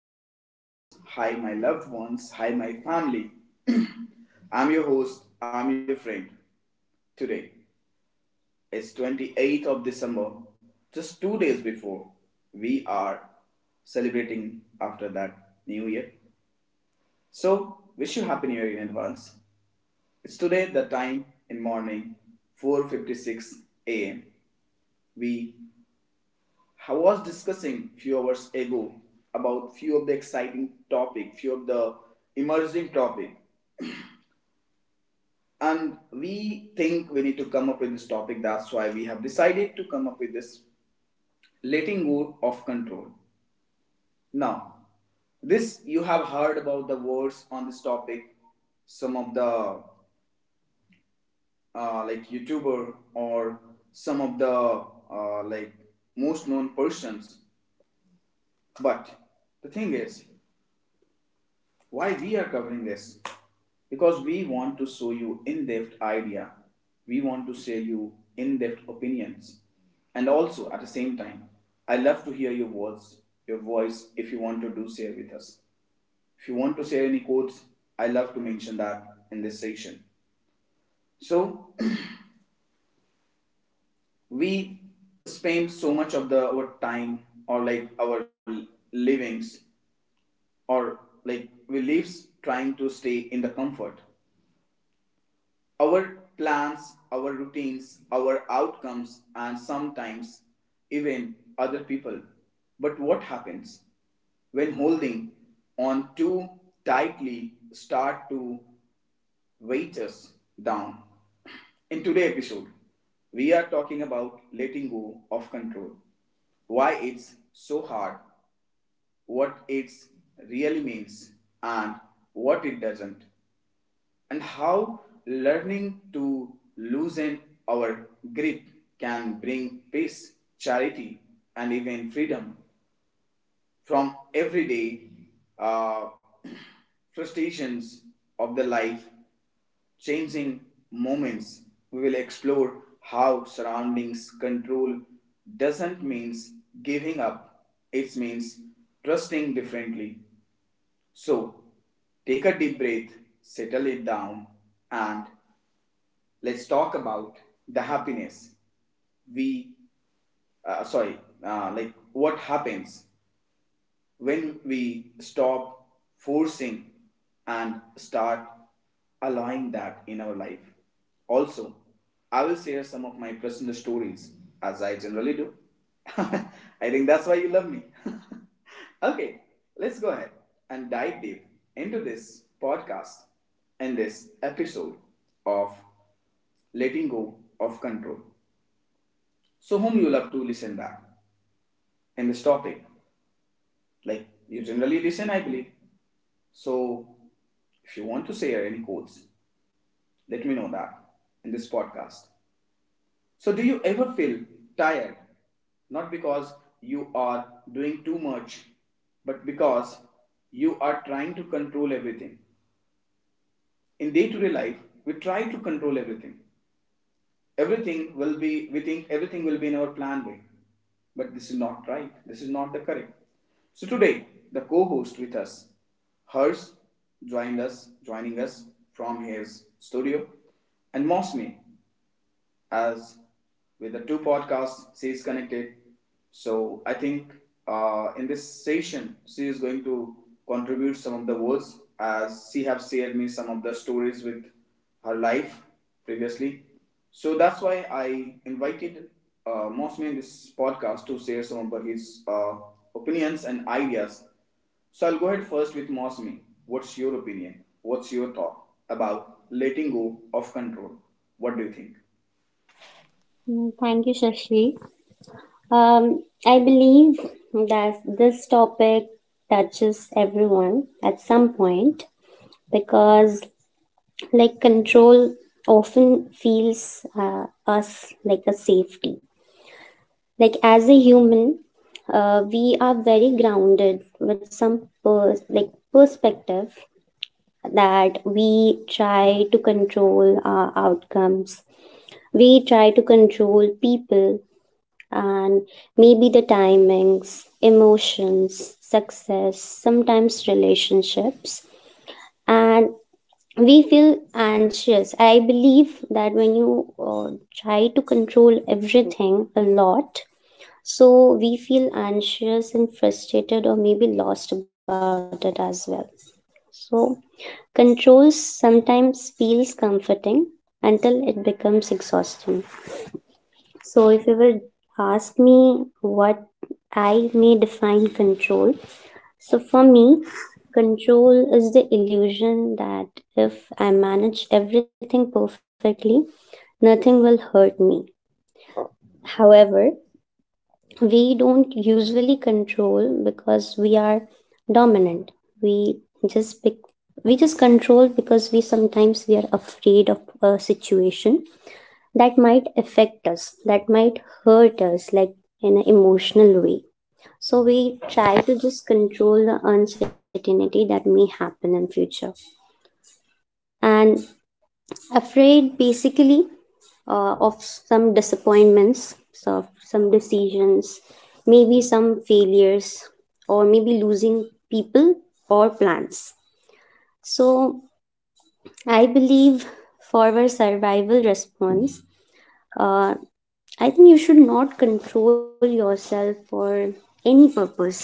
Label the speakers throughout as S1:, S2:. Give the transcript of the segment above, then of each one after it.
S1: Hi, dear folks. Hi, my loved ones. Hi, my family. I'm your host. I'm your friend. Today is 28th of December. Just 2 days before, we are celebrating after that new year. So, wish you happy new year in advance. It's today the time in morning 4:56 a.m. We I was discussing few hours ago about few of the exciting topic, few of the emerging topic, and we think we need to come up with this topic. That's why we have decided to come up with this letting go of control. Now, this you have heard about the words on this topic. Some of the like YouTuber or some of the like most known persons. But the thing is, why we are covering this? Because we want to show you in-depth idea. We want to share you in-depth opinions. And also at the same time, I love to hear your words, your voice if you want to do share with us. If you want to share any quotes, I love to mention that in this section. So we spend so much of the our time or like our livings or like we lives trying to stay in the comfort. Our plans, our routines, our outcomes, and sometimes even other people. But what happens when holding on too tightly start to weight us down? In today's episode, we are talking about letting go of control, why it's so hard, what it really means, and what it doesn't, and how learning to loosen our grip can bring peace, charity, and even freedom from everyday uh, frustrations of the life changing moments. We will explore how surroundings control doesn't means giving up, it means trusting differently. So, take a deep breath, settle it down, and let's talk about the happiness we sorry, like what happens when we stop forcing and start allowing that in our life. Also, I will share some of my personal stories as I generally do. I think that's why you love me. Okay, let's go ahead and dive deep into this podcast and this episode of letting go of control. So, whom you love to listen that in this topic? Like you generally listen, I believe. So if you want to say any quotes, let me know that in this podcast. So do you ever feel tired? Not because you are doing too much, but because you are trying to control everything. In day to day life, we try to control everything. Everything will be We think everything will be in our plan way, but this is not right. This is not the correct. So today the co-host with us, Hers, joined us joining us from his studio, and Mosme, as with the two podcasts she is connected. So I think, in this session she is going to contribute some of the words, as she have shared me some of the stories with her life previously. So that's why I invited mostly in this podcast, to share some of his opinions and ideas. So I'll go ahead first with Mosmi. What's your opinion? What's your thought about letting go of control? What do you think?
S2: Thank you, Shashi. I believe that this topic touches everyone at some point because, like, control often feels us like a safety. Like, as a human, we are very grounded with like perspective that we try to control our outcomes. We try to control people and maybe the timings, emotions, success, sometimes relationships. And we feel anxious. I believe that when you try to control everything a lot, so we feel anxious and frustrated or maybe lost about it as well. So, control sometimes feels comforting until it becomes exhausting. So, if you will ask me what I may define control, so for me, control is the illusion that if I manage everything perfectly, nothing will hurt me. However, we don't usually control because we are dominant. We just pick, we just control because we sometimes we are afraid of a situation that might affect us, that might hurt us, like in an emotional way. So we try to just control the uncertainty that may happen in future. And afraid basically of some disappointments, so of some decisions, maybe some failures, or maybe losing people or plans. So I believe for our survival response, uh, I think you should not control yourself for any purpose.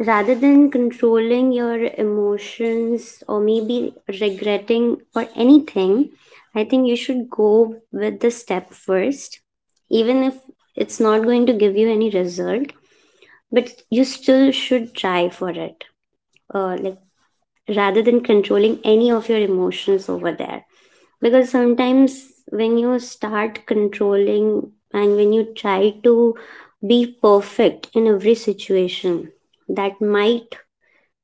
S2: Rather than controlling your emotions or maybe regretting or anything, I think you should go with the step first, even if it's not going to give you any result, but you still should try for it. Like rather than controlling any of your emotions over there because sometimes when you start controlling and when you try to be perfect in every situation that might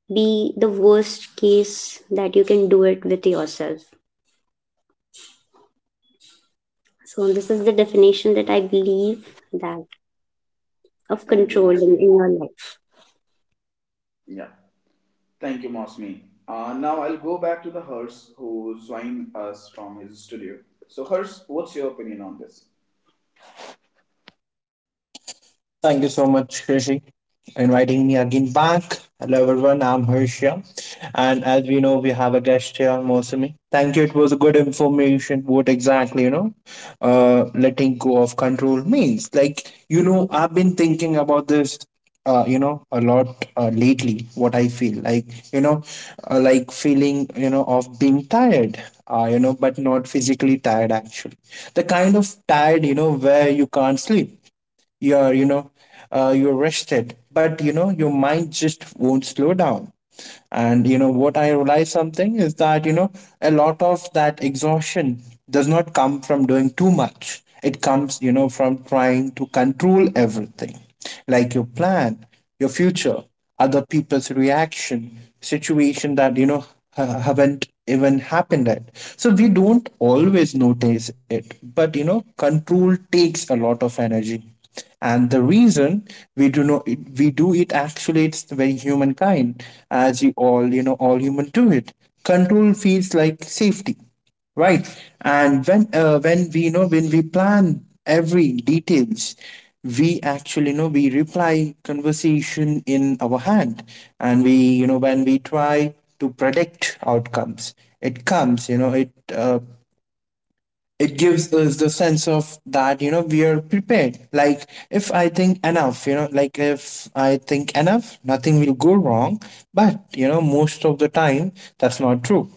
S2: be the worst case that you can do it with yourself. So this is the definition that I believe, that of
S1: Thank you,
S2: controlling
S1: Mosmi.
S2: in your life.
S1: Yeah. Thank you, Mosmi. Now I'll go back to the Hers who joined us from his studio. So, Hers, what's your opinion on this?
S3: Thank you so much, Krishi, for inviting me again back. Hello, everyone. I'm Harsh. And as we know, we have a guest here, Mosumi. Thank you. It was a good information. What exactly, letting go of control means. Like, I've been thinking about this. A lot lately, what I feel like, you know like feeling, of being tired, but not physically tired actually. The kind of tired, you know, where you can't sleep. You are, you're rested, but you know your mind just won't slow down. And you know what? I realized something is that, you know, a lot of that exhaustion does not come from doing too much. It comes, you know, from trying to control everything. Like your plan, your future, other people's reaction, situation that, you know, haven't even happened yet. So we don't always notice it, but you know, control takes a lot of energy. And the reason we do not we do it, actually, it's the very humankind, as you all, you know, all human do it. Control feels like safety, right? And when we know, when we plan every details, we actually know we reply conversation in our hand. And we, you know, when we try to predict outcomes, it comes, you know, it gives us the sense of that, you know, we are prepared. Like if I think enough, you know, like if I think enough, nothing will go wrong. But you know, most of the time, that's not true.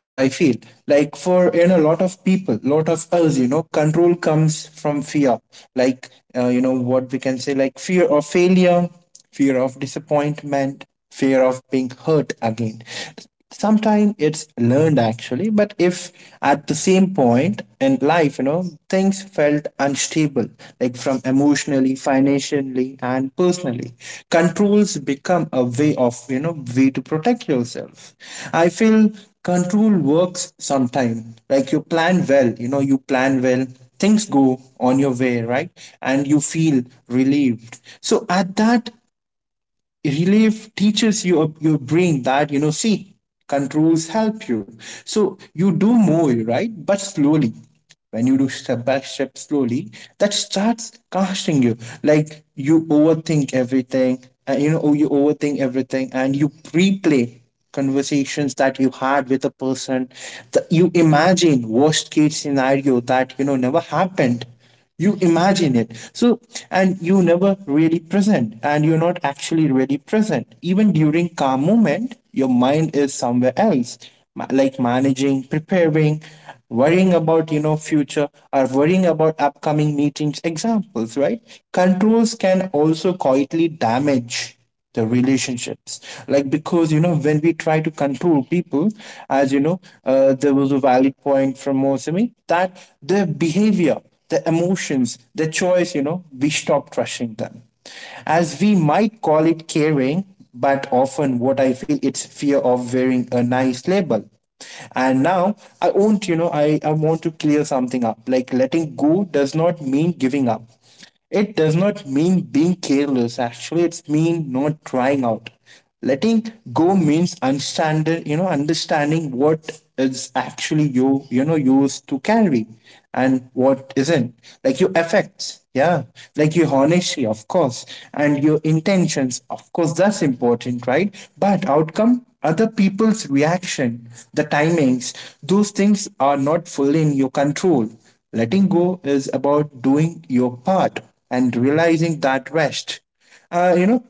S3: What I feel, like, for, you know, a lot of people, lot of us, you know, control comes from fear. Like, you know, what we can say, like fear of failure, fear of disappointment, fear of being hurt again. Sometimes it's learned, actually, but if at the same point in life, you know, things felt unstable, like from emotionally, financially, and personally, controls become a way of, you know, way to protect yourself. I feel control works sometimes. Like you plan well, you plan well, things go on your way, right? And you feel relieved. So at that, relief teaches you your brain that, you know, see, controls help you, so you do more, right? But slowly, when you do step by step slowly, that starts casting you. Like you overthink everything. And you replay conversations that you had with a person. That you imagine worst case scenario that, you know, never happened. You imagine it so, and you never really present. And you're not actually really present. Even during calm moment, your mind is somewhere else. Like managing, preparing, worrying about, you know, future, or worrying about upcoming meetings, examples, right? Controls can also quietly damage the relationships. Like, because you know, when we try to control people, as you know, there was a valid point from Mosami, that their behavior, their emotions, their choice, you know, we stop trusting them. As we might call it caring, but often what I feel, it's fear of wearing a nice label. And now, I want you know I want to clear something up. Like, letting go does not mean giving up. It does not mean being careless, actually. It's mean not trying out. Letting go means understanding, you know, understanding what is actually you used to carry, and what isn't. Like your effects, yeah. Like your honesty, of course, and your intentions, of course, that's important, right? But outcome, other people's reaction, the timings, those things are not fully in your control. Letting go is about doing your part and realizing that rest. Uh, you know,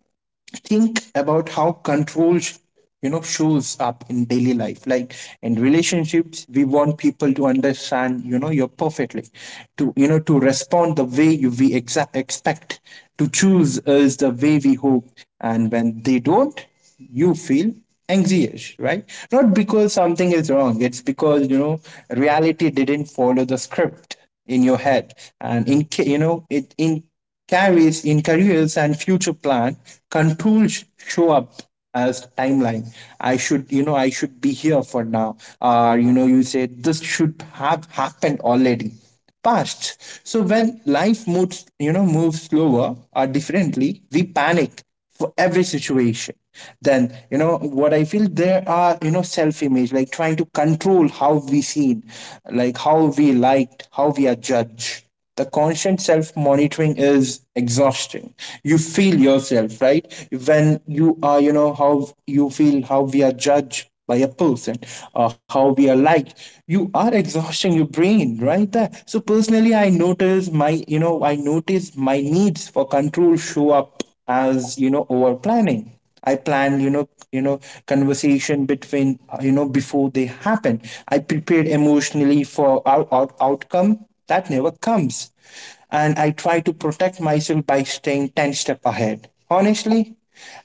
S3: think about how control you know shows up in daily life. Like in relationships, we want people to understand, you know, you're perfectly, to, you know, to respond the way you we exa- expect, to choose is the way we hope. And when they don't, you feel anxious, right? Not because something is wrong, it's because, you know, reality didn't follow the script in your head. And you know it in carries in careers and future plan, controls show up as timeline. I should, you know, I should be here for now, or you know, you say this should have happened already, past. So when life moves, you know, moves slower or differently, we panic for every situation. Then, you know, what I feel, there are, you know, self image, like trying to control how we seen, like how we liked, how we are judged. The constant self monitoring is exhausting. You feel yourself, right? When you are, you know, how you feel, how we are judged by a person, or how we are liked, you are exhausting your brain right there. So personally, I notice my needs for control show up as, you know, over planning. I planned, you know, conversation between, you know, before they happen. I prepared emotionally for our outcome that never comes. And I try to protect myself by staying 10 step ahead, honestly.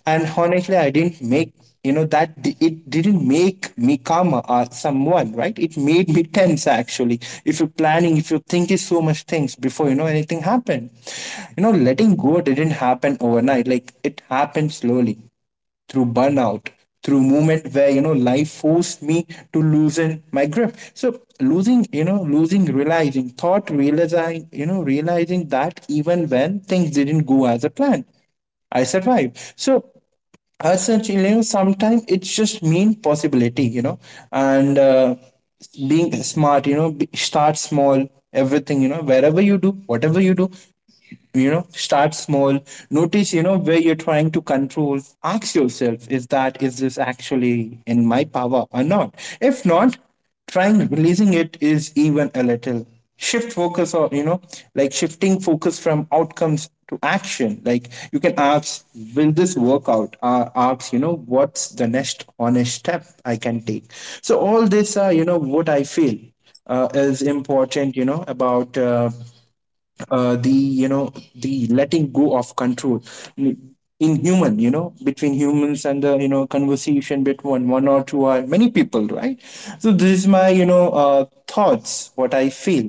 S3: And honestly, I didn't make you know that di- it didn't make me calmer or someone, right? It made me tense, actually. If you're planning, if you're thinking so much things before, you know, anything happened, you know, letting go didn't happen overnight. Like it happened slowly, through burnout, through moment where, you know, life forced me to loosen my grip. So losing you know losing realizing thought realizing you know realizing that even when things didn't go as a plan, I survived. So as such, you know, sometimes it's just mean possibility, you know. And being smart, you know, start small. Everything, you know, wherever you do, whatever you do, you know, start small. Notice, you know, where you're trying to control. Ask yourself, is this actually in my power or not? If not, trying releasing it is even a little. Shift focus, or you know, like shifting focus from outcomes to action. Like you can ask, will this work out? Or ask, you know, what's the next honest step I can take? So all this are, you know, what I feel is important, you know, about the, you know, the letting go of control in human, you know, between humans, and the, you know, conversation between one or two or many people, right? So this is my, thoughts, what I feel.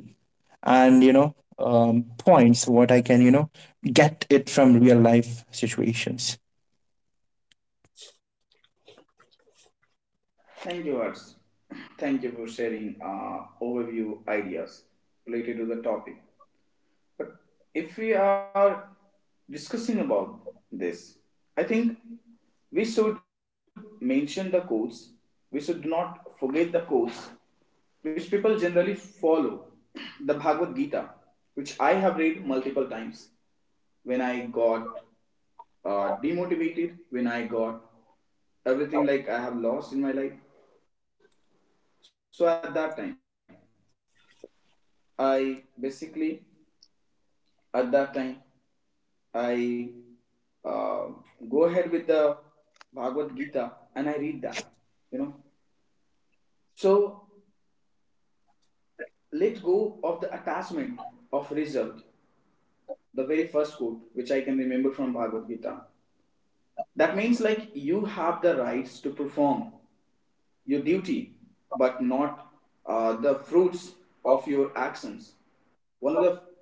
S3: And you know, points, what I can, you know, get it from real life situations.
S1: Thank you, Hers. Thank you for sharing overview ideas related to the topic. But if we are discussing about this, I think we should mention the codes. We should not forget the codes which people generally follow, the Bhagavad Gita, which I have read multiple times when I got demotivated, when I got everything, like I have lost in my life. So at that time, I basically, at that time, I uh, go ahead with the Bhagavad Gita and I read that, you know. So let go of the attachment of result, the very first quote which I can remember from Bhagavad Gita. That means like you have the rights to perform your duty, but not the fruits of your actions. One of the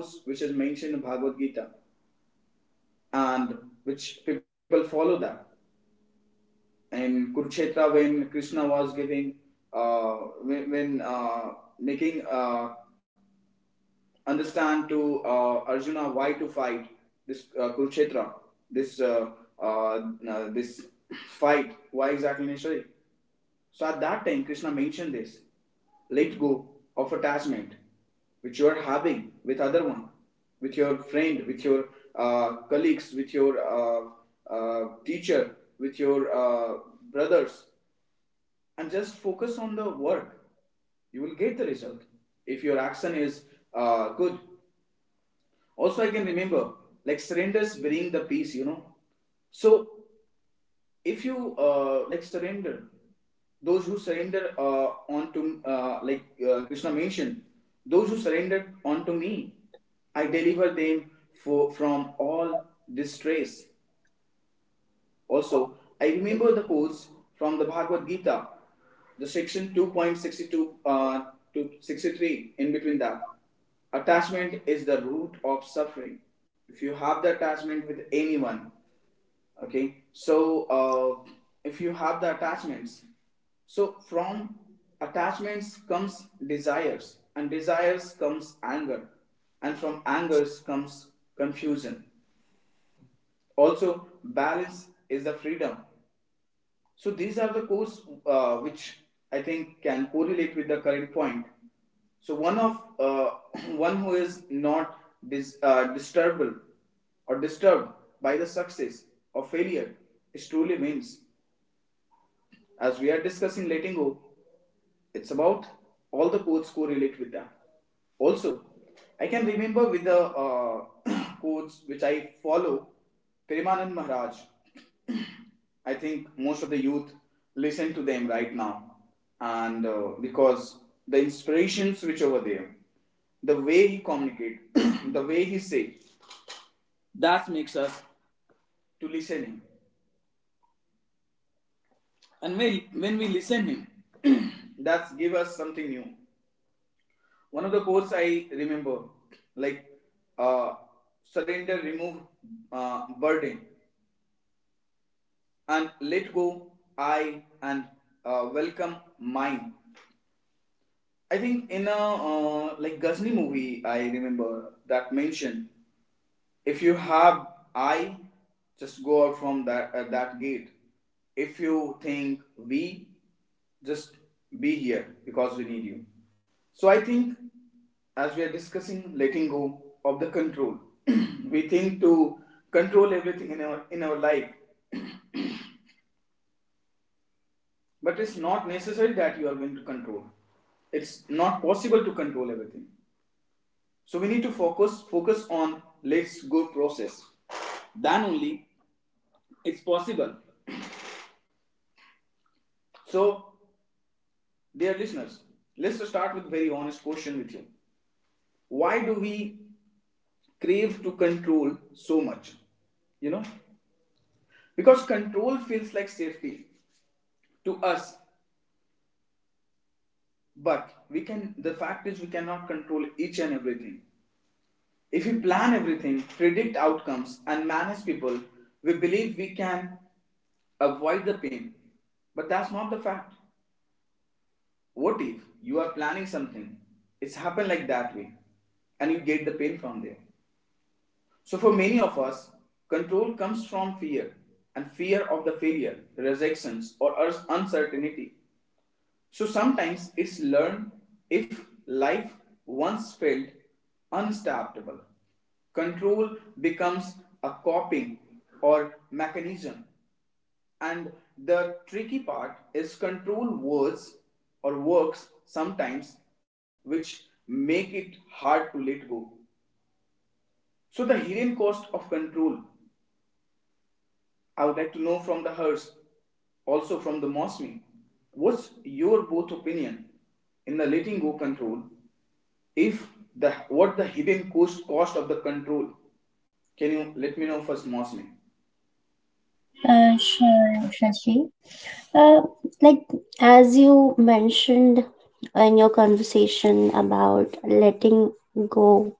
S1: quotes which is mentioned in Bhagavad Gita and which people follow that. In Kurukshetra, when Krishna was giving, uh, when making understand to Arjuna why to fight this Kurukshetra, this uh, this fight, why exactly necessary? So at that time, Krishna mentioned this: let go of attachment which you are having with other one, with your friend, with your colleagues, with your teacher, with your brothers, and just focus on the work. You will get the result if your action is good. Also, I can remember like surrenders bring the peace. So if you like surrender, those who surrender onto, Krishna mentioned, those who surrender onto me I deliver them from all distress. Also, I remember the quotes from the Bhagavad Gita, the section 2.62 to 63, in between that, attachment is the root of suffering if you have the attachment with anyone. Okay, so if you have the attachments, so from attachments comes desires, and desires comes anger, and from angers comes confusion. Also balance is the freedom. So these are the codes which I think can correlate with the current point. So one of one who is not disturbable or disturbed by the success or failure is truly wins. As we are discussing letting go, it's about all the quotes correlate with them. Also, I can remember with the quotes which I follow, Premanand Maharaj. I think most of the youth listen to them right now, and because the inspirations which over there, the way he communicate, the way he say, that makes us to listen him. And when we listen him, that give us something new. One of the quotes I remember, like uh, surrender, remove burden, and let go I, and welcome mine. I think in a like Ghazni movie, I remember that mention. If you have I, just go out from that at that gate. If you think we, just be here because we need you. So I think, as we are discussing letting go of the control, we think to control everything in our life, but it's not necessary that you are going to control. It's not possible to control everything. So we need to focus on let's go process. Then only it's possible. So, dear listeners, let's start with a very honest question with you. Why do we crave to control so much? You know, because control feels like safety to us, but we can. The fact is, we cannot control each and everything. If we plan everything, predict outcomes, and manage people, we believe we can avoid the pain. But that's not the fact. What if you are planning something? It's happened like that way, and you get the pain from there. So, for many of us, control comes from fear, and fear of the failure, rejections, or uncertainty. So, sometimes it's learned if life once felt unstoppable. Control becomes a coping or mechanism. And the tricky part is, control words or works sometimes, which make it hard to let go. So, the hidden cost of control, I would like to know from the Hers, also from the Mosmi, what's your both opinion in the letting go control? If the, what the hidden cost of the control? Can you let me know first, Mosmi?
S2: Sure, Shashi. Uh, like as you mentioned in your conversation about letting go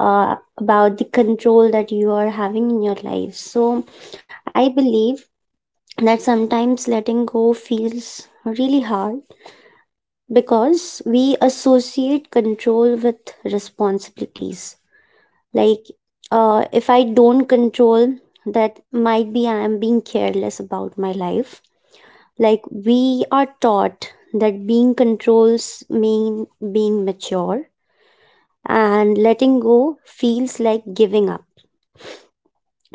S2: about the control that you are having in your life. So, I believe that sometimes letting go feels really hard because we associate control with responsibilities. Like, if I don't control, that might be I am being careless about my life. Like, we are taught that being controls mean being mature and letting go feels like giving up.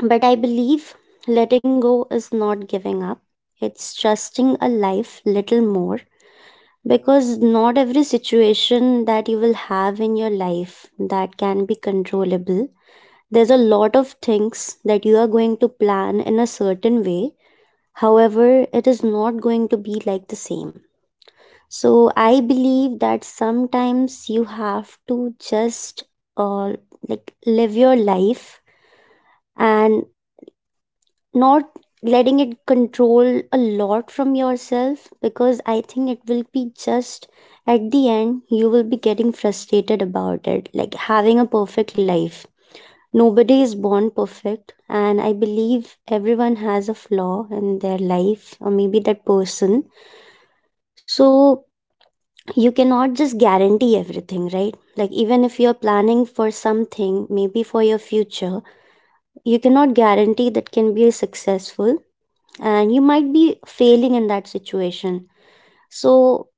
S2: But I believe letting go is not giving up, it's trusting a life little more because not every situation that you will have in your life that can be controllable. There's a lot of things that you are going to plan in a certain way. However, it is not going to be like the same. So I believe that sometimes you have to just uh, like live your life and not letting it control a lot from yourself because I think it will be just at the end you will be getting frustrated about it. Like having a perfect life. Nobody is born perfect, and I believe everyone has a flaw in their life or maybe that person. So you cannot just guarantee everything, right? Like, even if you're planning for something, maybe for your future, you cannot guarantee that can be successful and you might be failing in that situation. So,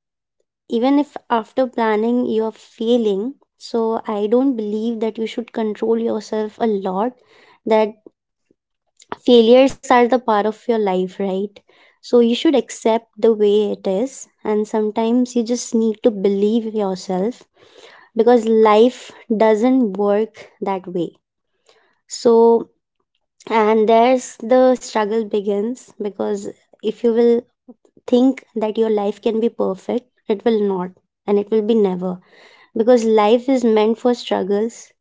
S2: even if after planning you're failing, so I don't believe that you should control yourself a lot, that failures are the part of your life, right? So, you should accept the way it is, and sometimes you just need to believe yourself because life doesn't work that way. So, and there's the struggle begins because if you will think that your life can be perfect, it will not and it will be never because life is meant for struggles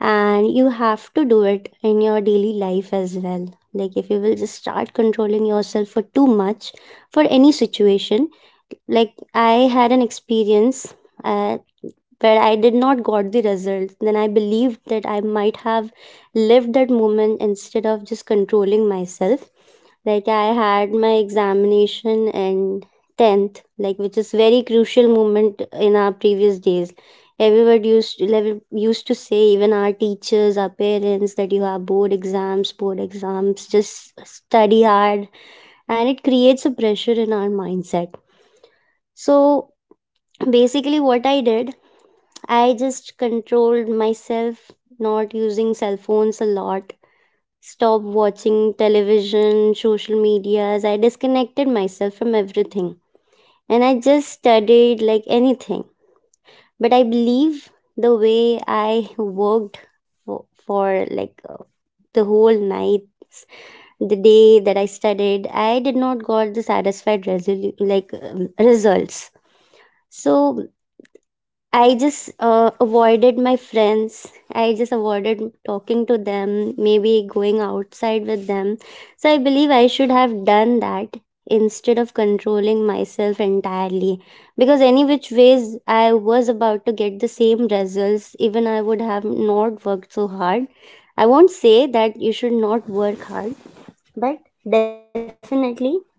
S2: and you have to do it in your daily life as well. Like, if you will just start controlling yourself for too much for any situation, like, I had an experience. Uh, where I did not got the results, then I believed that I might have lived that moment instead of just controlling myself. Like I had my examination and 10th, like which is very crucial moment in our previous days. Everyone used to, used to say, even our teachers, our parents, that you have board exams, just study hard. And it creates a pressure in our mindset. So basically what I did, I just controlled myself not using cell phones a lot. Stopped watching television, social medias. I disconnected myself from everything. And I just studied like anything. But I believe the way I worked for like the whole night, the day that I studied, I did not got the satisfied results. So I just avoided my friends. I just avoided talking to them, maybe going outside with them. So I believe I should have done that instead of controlling myself entirely because any which ways I was about to get the same results even I would have not worked so hard. I won't say that you should not work hard, but definitely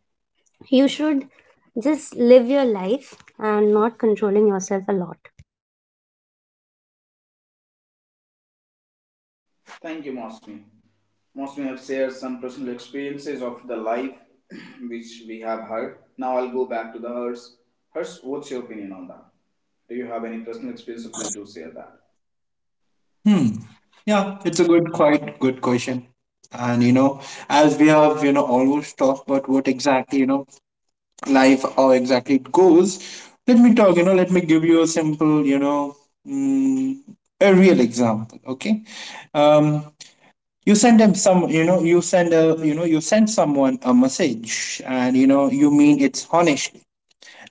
S2: you should just live your life and not controlling yourself a lot.
S1: Thank you, Mosmi. Mosmi have shared some personal experiences of the life which we have heard. Now I'll go back to the Hers. Hers, what's your opinion on that? Do you have any personal experience? So please do share that.
S3: Hmm. Yeah, it's a good quite good question. And you know, as we have, you know, almost talked about what exactly, you know, life, how exactly it goes. Let me talk, you know, let me give you a simple, you know, mm, a real example, okay? um you send them some, you send someone a message, and you know, you mean it's honestly.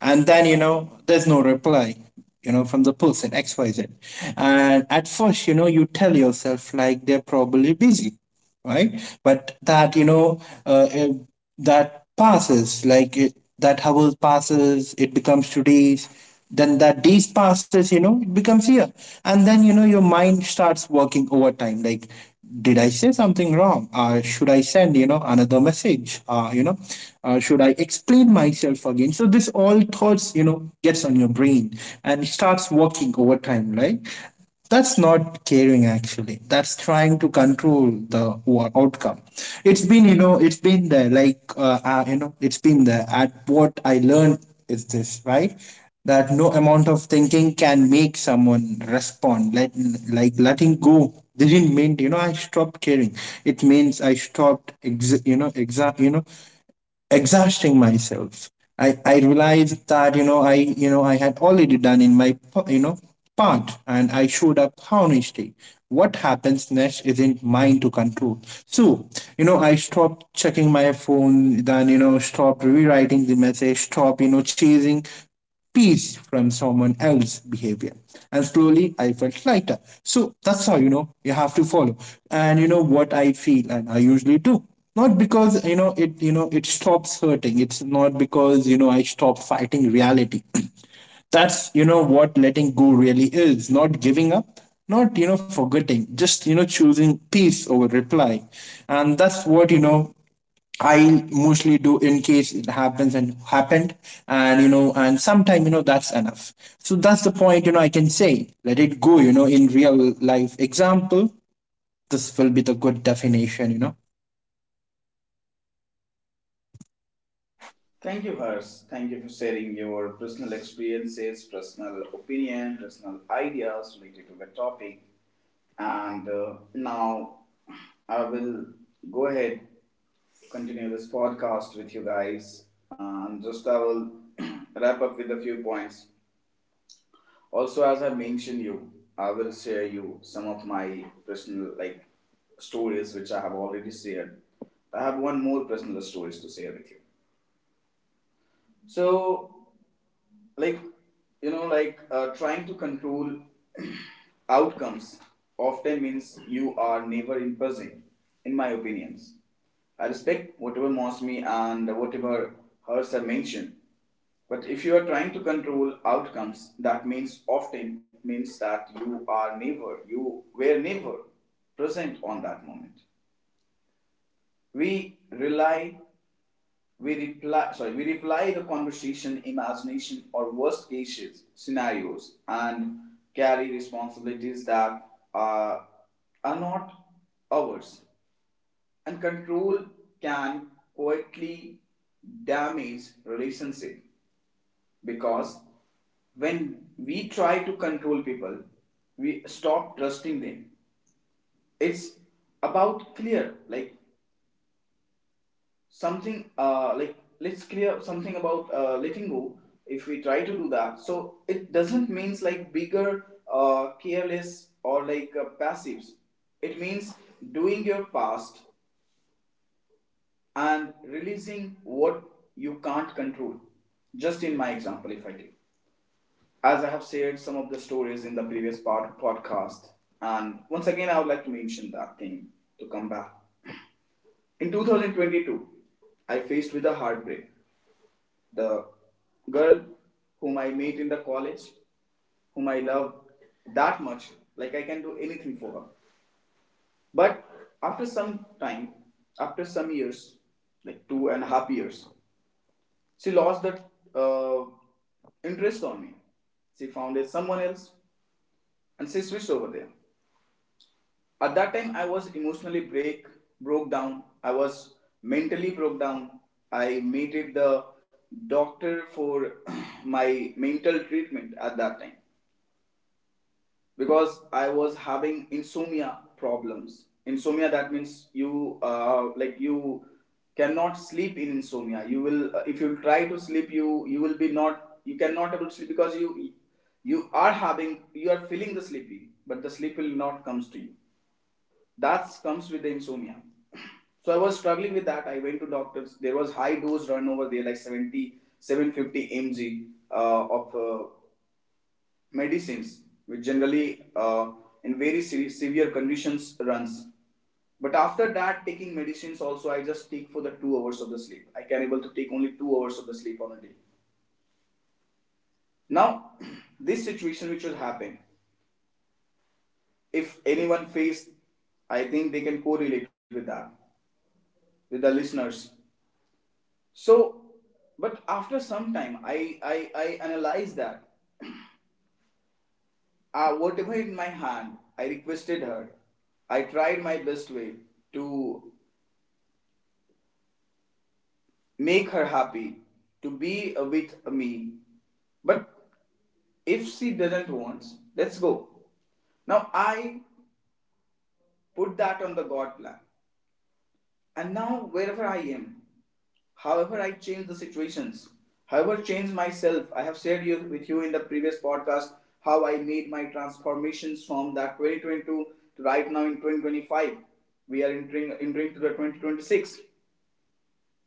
S3: And then, you know, there's no reply, you know, from the person XYZ. And at first, you know, you tell yourself like they're probably busy, right? But that, that passes, that hour passes, it becomes 2 days. Then that days passes, you know, it becomes year. And then, you know, your mind starts working overtime. Like, did I say something wrong? Should I send, you know, another message? Should I explain myself again? So this all thoughts, you know, gets on your brain and starts working over time, right? That's not caring, actually. That's trying to control the outcome. It's been, you know, it's been there. Like, you know, it's been there. At what I learned is this, right? That no amount of thinking can make someone respond. Like, letting go didn't mean, you know, I stopped caring. It means I stopped exhausting myself. I realized that, you know, I had already done in my you know part, and I showed up honestly. What happens next isn't mine to control. So you know, I stopped checking my phone, then you know, stopped rewriting the message, stop, you know, chasing peace from someone else's behavior. And slowly I felt lighter. So that's how, you know, you have to follow. And you know what I feel, and I usually do. Not because, you know, it stops hurting. It's not because, you know, I stop fighting reality. That's, you know, what letting go really is. Not giving up, not, you know, forgetting, just, you know, choosing peace over reply. And that's what, you know, I mostly do in case it happens and happened. And you know, and sometime, you know, that's enough. So that's the point. You know, I can say, let it go. You know, in real life example, this will be the good definition. You know.
S1: Thank you, Harsh. Thank you for sharing your personal experiences, personal opinion, personal ideas related to the topic. And now I will go ahead continue this podcast with you guys. And just I will wrap up with a few points. Also, as I mentioned you, I will share you some of my personal like stories which I have already shared. I have one more personal stories to share with you. So, like, you know, like trying to control outcomes often means you are never in present. In my opinions, I respect whatever Mosmi and whatever Hers are mentioned, but if you are trying to control outcomes, that means, often means, that you are never. You were never present on that moment. We rely We reply, sorry, We reply the conversation, imagination, or worst cases scenarios, and carry responsibilities that are, are not ours. And control can quietly damage relationship, because when we try to control people, we stop trusting them. It's about clear, like something like let's clear something about letting go if we try to do that, so it doesn't means like bigger careless or like passives, it means doing your past and releasing what you can't control. Just in my example, if I take, as I have shared some of the stories in the previous part podcast, and once again I would like to mention that thing, to come back in 2022, I faced with a heartbreak. The girl whom I meet in the college, whom I love that much, like I can do anything for her. But after some time, after some years, like two and a half years, she lost that uh, interest on me. She found someone else, and she switched over there. At that time, I was emotionally break broke down. I was mentally broke down. I meted the doctor for my mental treatment at that time because I was having insomnia problems. Insomnia, that means you like you cannot sleep in insomnia. You will if you try to sleep, you will be not, you cannot able to sleep because you are having, you are feeling the sleepy, but the sleep will not comes to you. That comes with the insomnia. So I was struggling with that. I went to doctors. There was high dose run over there, like seventy seven fifty 750 mg of medicines, which generally in very severe conditions runs. But after that, taking medicines also, I just take for the 2 hours of the sleep. I can able to take only 2 hours of the sleep on a day. Now, this situation which will happen, if anyone faced, I think they can correlate with that, with the listeners. So, but after some time, I analyzed that whatever in my hand, I requested her. I tried my best way to make her happy, to be with me. But if she doesn't want, let's go. Now I put that on the God plan. And now wherever I am, however I change the situations, however change myself, I have shared you, with you in the previous podcast how I made my transformations from that 2022 to right now in 2025. We are entering to the 2026.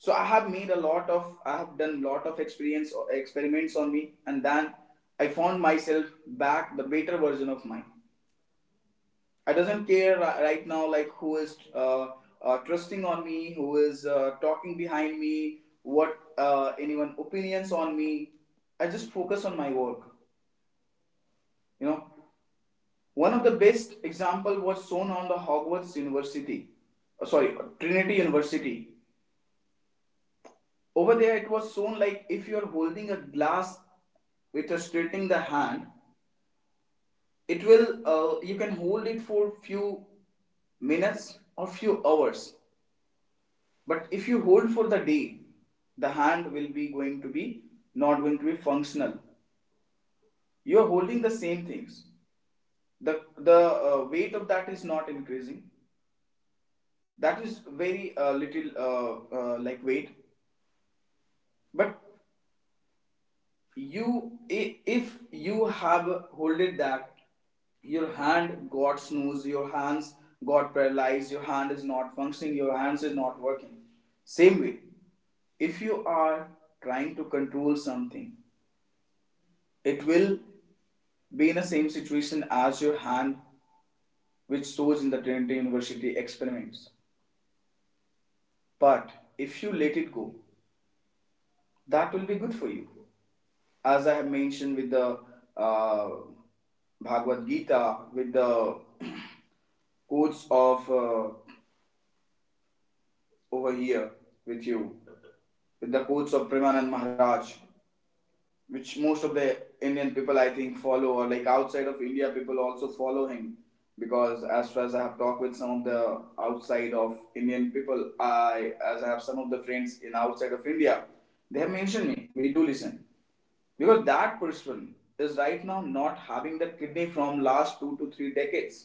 S1: So I have made a lot of, I have done lot of experience or experiments on me, and then I found myself back, the better version of mine. I doesn't care right now, like who is trusting on me, who is talking behind me, what anyone opinions on me. I just focus on my work, you know. One of the best example was shown on the Hogwarts University, sorry, Trinity University. Over there, it was shown like if you're holding a glass with a straightening the hand, it will you can hold it for few minutes or few hours. But if you hold for the day, the hand will be going to be, not going to be functional. You are holding the same things. The weight of that is not increasing. That is very little like weight. But you if you have holded that, your hand got snooze, your hands got paralyzed, your hand is not functioning, your hands is not working. Same way, if you are trying to control something, it will be in the same situation as your hand, which shows in the Trinity University experiments. But if you let it go, that will be good for you. As I have mentioned with the uh, Bhagavad Gita, with the quotes of over here with you, with the quotes of Premanand Maharaj, which most of the Indian people I think follow, or like outside of India, people also follow him. Because as far as I have talked with some of the outside of Indian people, I, as I have some of the friends in outside of India, they have mentioned me, we do listen, because that person is right now not having the kidney from last two to three decades,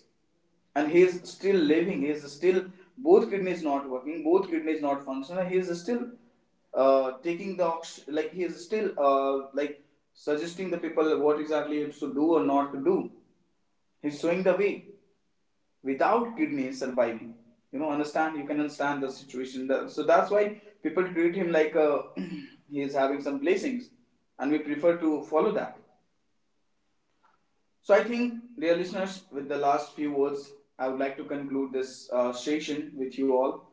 S1: and he is still living, he is still, both kidneys not working, both kidneys not functional, he is still taking the, like he is still like suggesting the people what exactly it's to do or not to do. He's showing the way, without kidney surviving. You know, understand, you can understand the situation. So that's why people treat him like he is having some blessings, and we prefer to follow that. So I think, dear listeners, with the last few words, I would like to conclude this session with you all,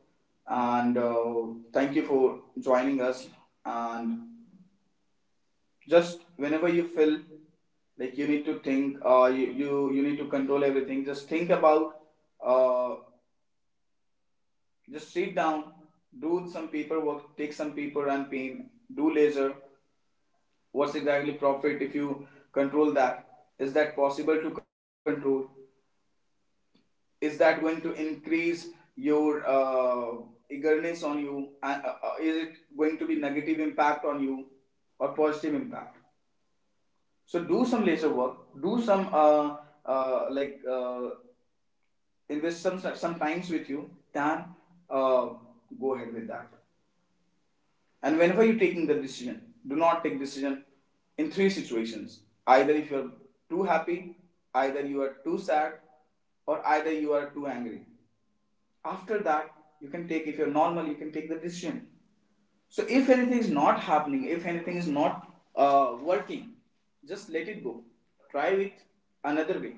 S1: and thank you for joining us. And just whenever you feel like you need to think, you, you need to control everything. Just think about, uh, just sit down, do some paperwork, take some paper and pen, do laser. What's exactly profit if you control that? Is that possible to control? Is that going to increase your eagerness on you, and is it going to be negative impact on you or positive impact? So do some laser work, do some like invest some times with you, then uh, go ahead with that. And whenever you're taking the decision, do not take decision in three situations: either if you're too happy, either you are too sad, or either you are too angry. After that, you can take, if you're normal, you can take the decision. So if anything is not happening, if anything is not working, just let it go. Try with another way.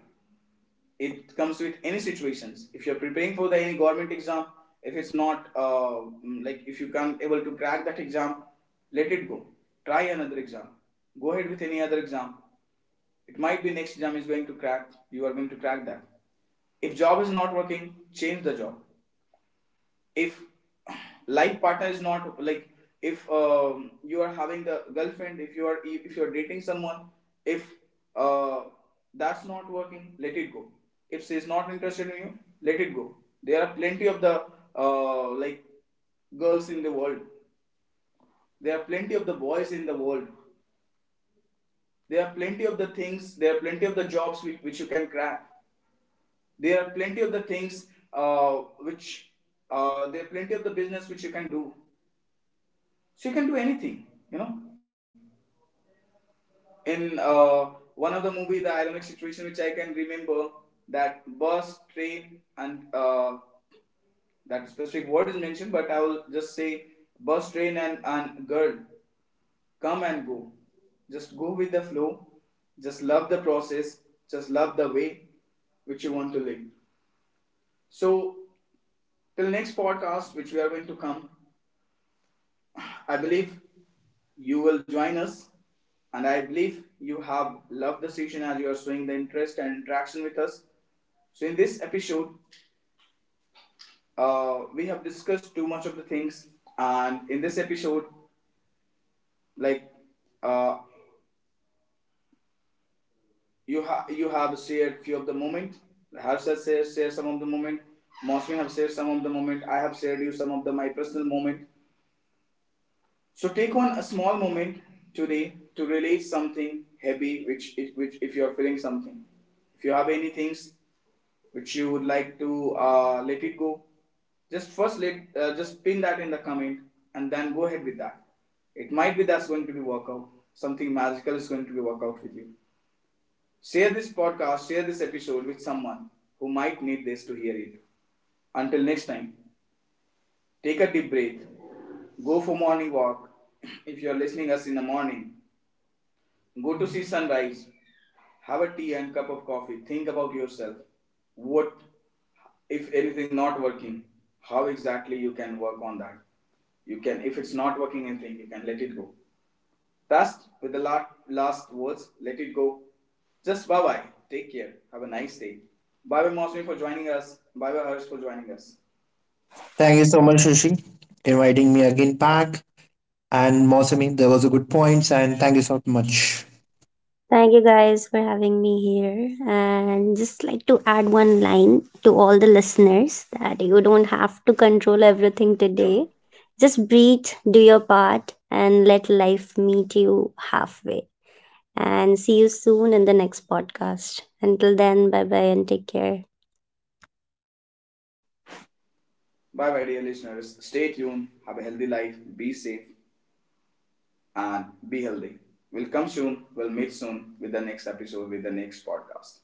S1: It comes with any situations. If you're preparing for the any government exam, if it's not like if you can't able to crack that exam, let it go. Try another exam. Go ahead with any other exam. It might be next exam is going to crack, you are going to crack that. If job is not working, change the job. If life partner is not like, if you are having the girlfriend, if you are, if you are dating someone, if uh, that's not working, let it go. If she is not interested in you, let it go. There are plenty of the like girls in the world. There are plenty of the boys in the world. There are plenty of the things, there are plenty of the jobs which you can crack. There are plenty of the things, uh, which there are plenty of the business which you can do. She can do anything, you know. In one of the movie, the ironic situation which I can remember, that bus, train, and that specific word is mentioned, but I will just say bus, train, and girl come and go. Just go with the flow. Just love the process. Just love the way which you want to live. So till next podcast which we are going to come, I believe you will join us, and I believe you have loved the session as you are showing the interest and interaction with us. So, in this episode, we have discussed too much of the things, and in this episode, like uh, you have shared few of the moment. Harshad shared some of the moment. Mosmi have shared some of the moment. I have shared you some of the my personal moment. So take on a small moment today to release something heavy, which if you are feeling something, if you have any things which you would like to let it go, just first let just pin that in the comment and then go ahead with that. It might be that's going to be workout. Something magical is going to be worked out with you. Share this podcast, share this episode with someone who might need this to hear it. Until next time, take a deep breath. Go for morning walk if you're listening us in the morning. Go to see sunrise, have a tea and cup of coffee, think about yourself. What, if anything not working, how exactly you can work on that? You can, if it's not working anything, you can let it go. Last, with the last, last words, let it go. Just bye bye. Take care. Have a nice day. Bye bye, Mosmi, for joining us. Bye bye, Harsh, for joining us.
S3: Thank you so much, Shashi, inviting me again back. And Mosami, there was a good points, and thank you so much.
S2: Thank you guys for having me here. And just like to add one line to all the listeners that you don't have to control everything
S1: Sure.
S2: today. Just breathe, do your part, and let life meet you halfway. And see you soon in the next podcast. Until then, bye bye and take care.
S1: Bye bye, dear listeners. Stay tuned. Have a healthy life. Be safe. And be healthy. We'll come soon. We'll meet soon with the next episode with the next podcast.